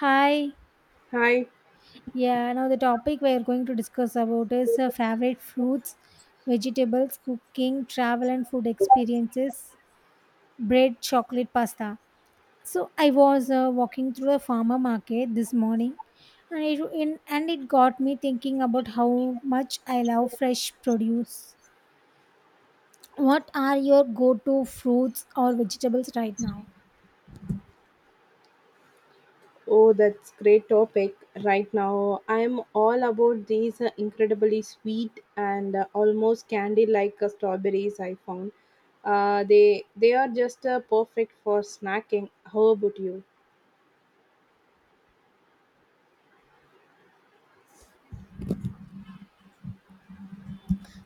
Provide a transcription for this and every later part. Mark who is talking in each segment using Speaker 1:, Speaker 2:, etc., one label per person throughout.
Speaker 1: Hi.
Speaker 2: Hi.
Speaker 1: Yeah, now the topic we are going to discuss about is favorite fruits, vegetables, cooking, travel and food experiences, bread, chocolate, pasta. So I was walking through the farmer market this morning and it got me thinking about how much I love fresh produce. What are your go-to fruits or vegetables right now?
Speaker 2: Oh, that's great topic right now. I'm all about these incredibly sweet and almost candy-like strawberries I found. They are just perfect for snacking. How about you?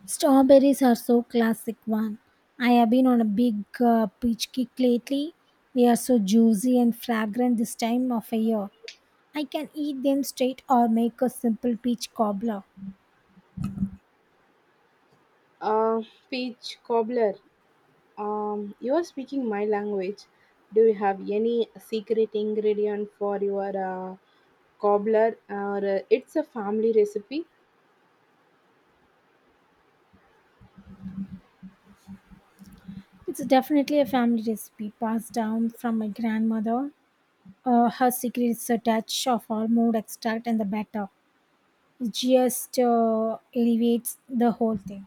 Speaker 1: Strawberries are so classic one. I have been on a big peach kick lately. They are so juicy and fragrant this time of a year. I can eat them straight or make a simple peach cobbler.
Speaker 2: Uh, Peach cobbler. You are speaking my language. Do you have any secret ingredient for your cobbler, or it's a family recipe?
Speaker 1: It's definitely a family recipe passed down from my grandmother. Her secret is a touch of almond extract and the batter. It just elevates the whole thing.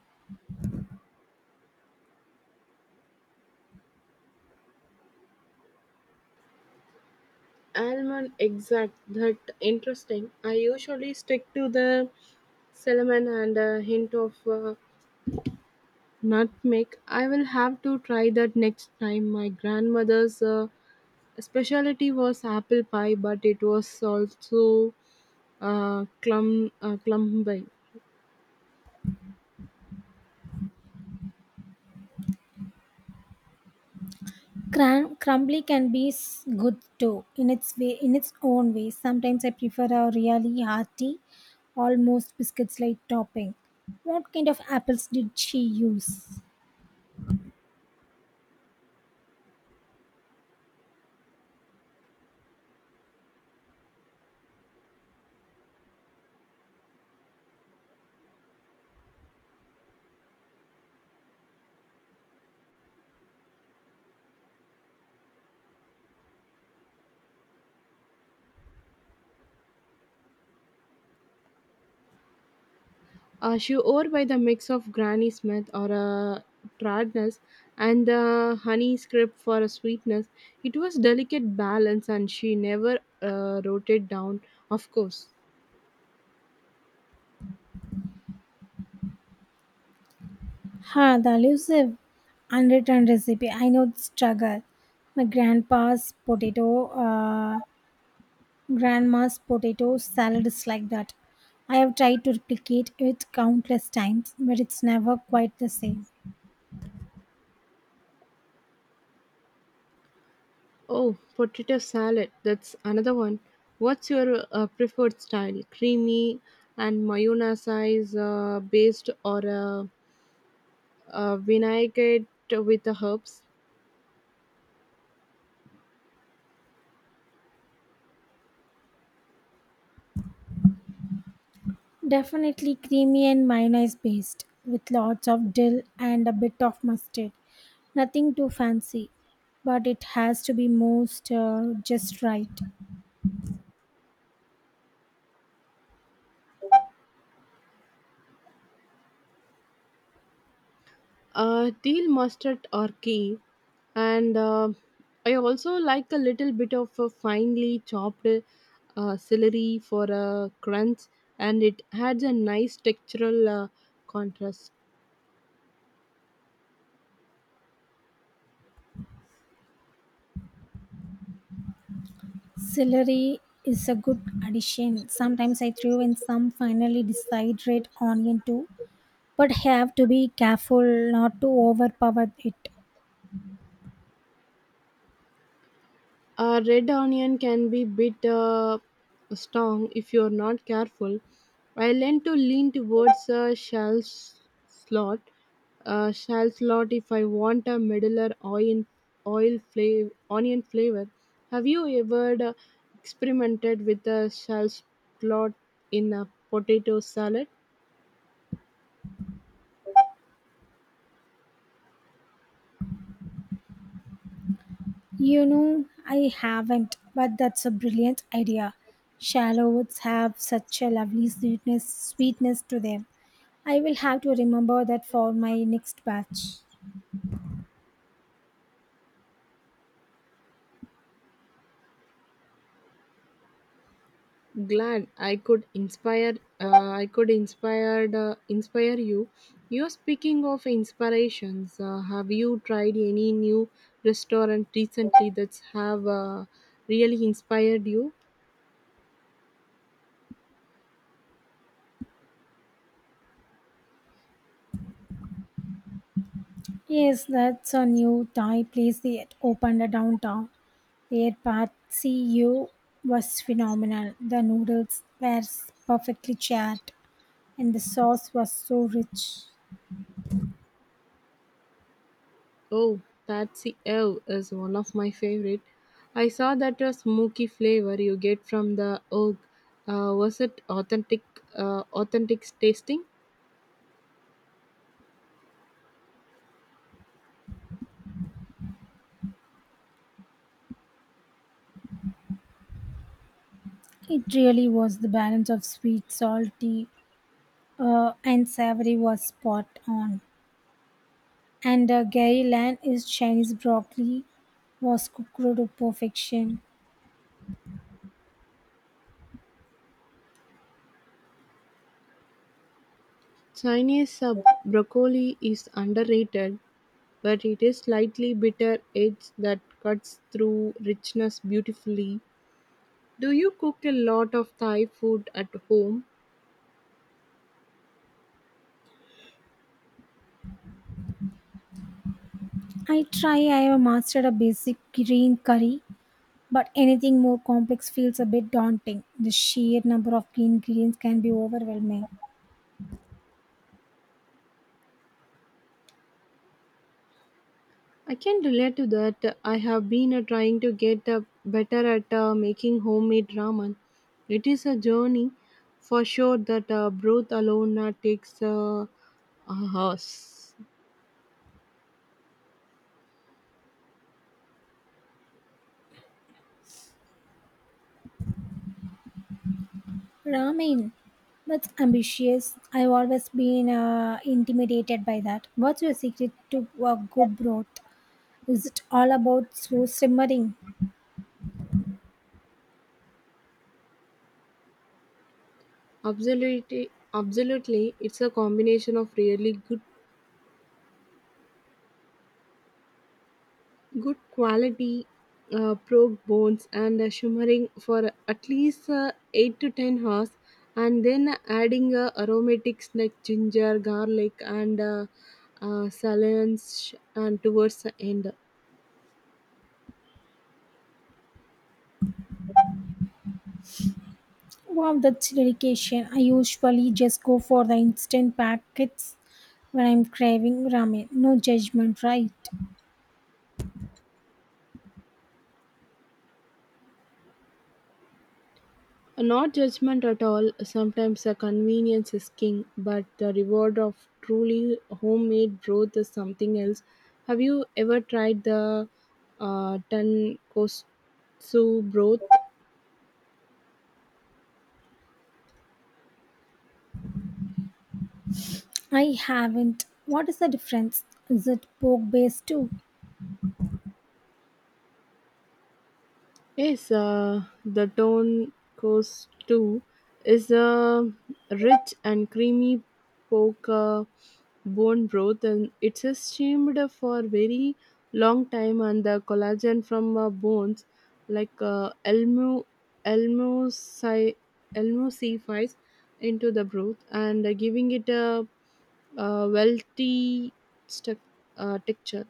Speaker 2: Almond exact that interesting. I usually stick to the cinnamon and a hint of nutmeg. I will have to try that next time. My grandmother's specialty was apple pie, but it was also clumby.
Speaker 1: Crumbly can be good too in its way in its own way. Sometimes I prefer a really hearty almost biscuits like topping. What kind of apples did she use?
Speaker 2: She owed by the mix of Granny Smith or a tradness and the honey script for a sweetness. It was delicate balance, and she never wrote it down. Of course.
Speaker 1: Huh, the elusive unwritten recipe. I know the struggle. My grandpa's potato uh, grandma's potato salad is like that. I have tried to replicate it countless times, but it's never quite the same.
Speaker 2: Oh, potato salad. That's another one. What's your preferred style? Creamy and mayonnaise based or a vinaigrette with the herbs?
Speaker 1: Definitely creamy and mayonnaise based, with lots of dill and a bit of mustard. Nothing too fancy, but it has to be most just right.
Speaker 2: Deal mustard or key and I also like a little bit of a finely chopped celery for a crunch, and it adds a nice textural contrast.
Speaker 1: Celery is a good addition. Sometimes I throw in some finely decided onion too, but have to be careful not to overpower it.
Speaker 2: A red onion can be bit strong if you're not careful. I learned to lean towards a slot, a shell slot if I want a middler oil flavor, onion flavor. Have you ever experimented with a shell slot in a potato salad?
Speaker 1: You know, I haven't, but that's a brilliant idea. Shallow woods have such a lovely sweetness to them. I will have to remember that for my next batch.
Speaker 2: Glad I could inspire you. You are speaking of inspirations. Have you tried any new restaurant recently that's have really inspired you?
Speaker 1: Yes, that's a new Thai place they opened downtown. Their pad see ew was phenomenal. The noodles were perfectly charred, and the sauce was so rich.
Speaker 2: Oh, patsy ev is one of my favorite. I saw that a smoky flavor you get from the oak. Was it authentic tasting?
Speaker 1: It really was the balance of sweet, salty, and savory was spot on. And Gary Lan is Chinese broccoli was cooked to perfection.
Speaker 2: Chinese broccoli is underrated, but it is slightly bitter edge that cuts through richness beautifully. Do you cook a lot of Thai food at home?
Speaker 1: I try, I have mastered a basic green curry, but anything more complex feels a bit daunting. The sheer number of ingredients can be overwhelming.
Speaker 2: I can relate to that. I have been trying to get better at making homemade ramen. It is a journey for sure that broth alone takes a house.
Speaker 1: Ramen, that's ambitious. I've always been intimidated by that. What's your secret to a good broth? Is it all about slow simmering?
Speaker 2: Absolutely, absolutely, it's a combination of really good quality probe bones and shimmering for at least 8 to 10 hours, and then adding aromatics like ginger garlic and salience and towards the end.
Speaker 1: Wow, that's dedication. I usually just go for the instant packets when I'm craving ramen. No judgment, right?
Speaker 2: Not judgment at all. Sometimes a convenience is king, but the reward of truly homemade broth is something else. Have you ever tried the tonkotsu broth?
Speaker 1: I haven't. What is the difference? Is it pork based too?
Speaker 2: Yes, the Tone Coast too is a rich and creamy pork bone broth, and it's steamed for very long time. And the collagen from bones, like elmuci, elmucifies into the broth and giving it a wealthy stu- texture.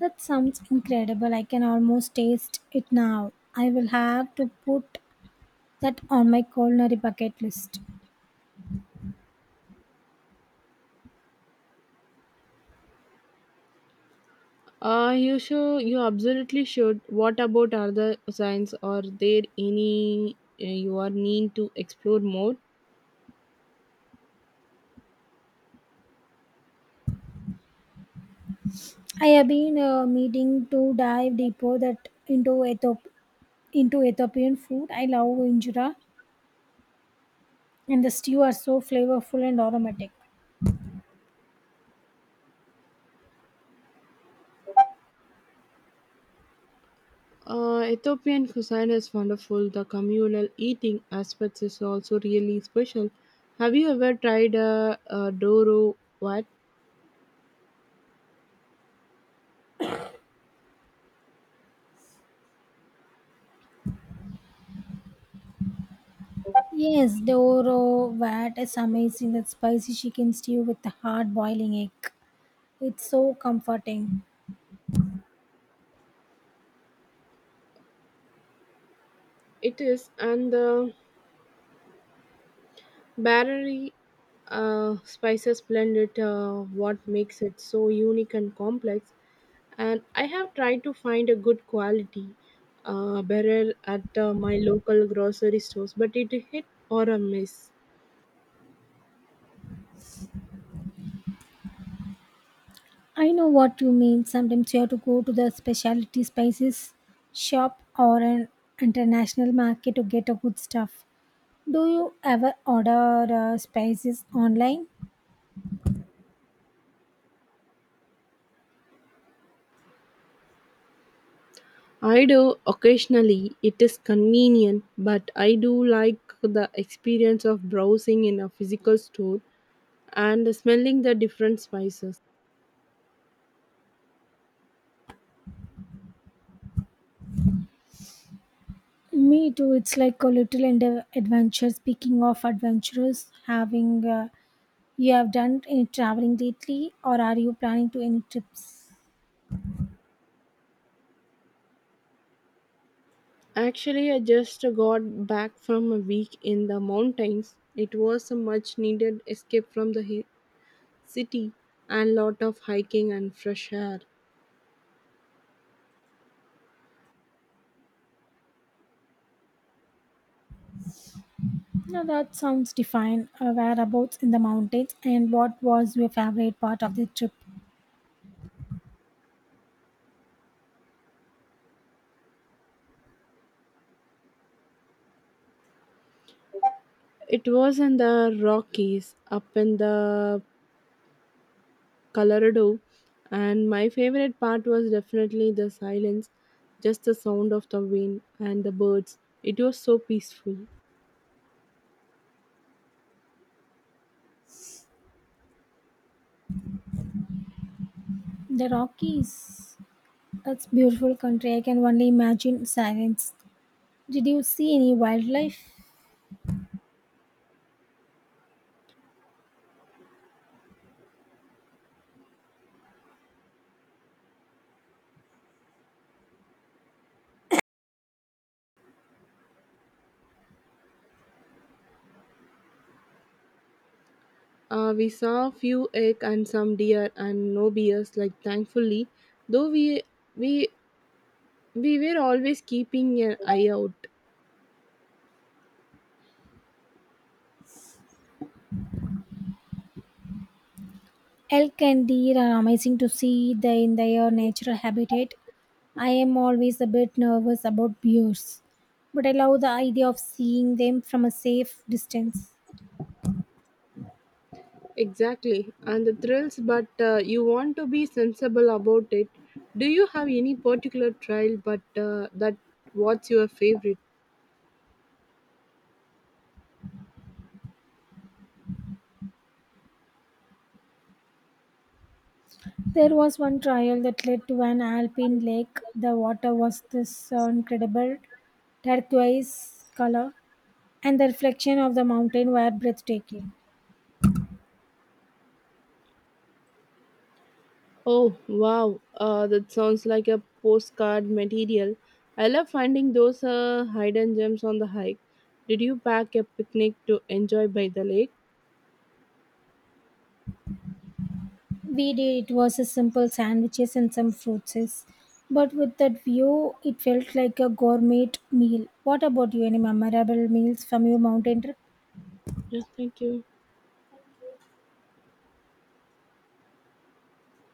Speaker 1: That sounds incredible. I can almost taste it now. I will have to put that on my culinary bucket list.
Speaker 2: You absolutely should. What about other signs? Are there any you are need to explore more?
Speaker 1: I have been meeting to dive deeper that into Ethiopian food. I love injera and the stew are so flavorful and aromatic.
Speaker 2: Ethiopian cuisine is wonderful. The communal eating aspects is also really special. Have you ever tried a doro? What
Speaker 1: Yes, the oro vat is amazing. That spicy chicken stew with the hard boiling egg. It's so comforting.
Speaker 2: it is. And the Barely spices blend it, what makes it so unique and complex. And I have tried to find a good quality barrel at my local grocery stores, but it hit or a miss.
Speaker 1: I know what you mean. Sometimes you have to go to the specialty spices shop or an international market to get a good stuff. Do you ever order spices online?
Speaker 2: I do occasionally, it is convenient, but I do like the experience of browsing in a physical store and smelling the different spices.
Speaker 1: Me too. It's like a little adventure. Speaking of adventures, having you have done any traveling lately, or are you planning to any trips?
Speaker 2: Actually, I just got back from a week in the mountains. It was a much needed escape from the city and lot of hiking and fresh air.
Speaker 1: No, that sounds divine. Whereabouts in the mountains, and what was your favorite part of the trip?
Speaker 2: It was in the Rockies up in the Colorado, and my favorite part was definitely the silence, just the sound of the wind and the birds. It was so peaceful.
Speaker 1: The Rockies. It's beautiful country. I can only imagine silence. Did you see any wildlife?
Speaker 2: We saw a few elk and some deer and no bears like thankfully, though we we were always keeping an eye out.
Speaker 1: Elk and deer are amazing to see they in their natural habitat. I am always a bit nervous about bears, but I love the idea of seeing them from a safe distance.
Speaker 2: Exactly, and the thrills, but you want to be sensible about it. Do you have any particular trial but that What's your favorite?
Speaker 1: There was one trial that led to an alpine lake. The water was this incredible turquoise color, and the reflection of the mountain were breathtaking.
Speaker 2: Oh, wow, that sounds like a postcard material. I love finding those hidden gems on the hike. Did you pack a picnic to enjoy by the lake?
Speaker 1: We did. It was a simple sandwiches and some fruits. But with that view, it felt like a gourmet meal. What about you? Any memorable meals from your mountain trip?
Speaker 2: Yes, thank you.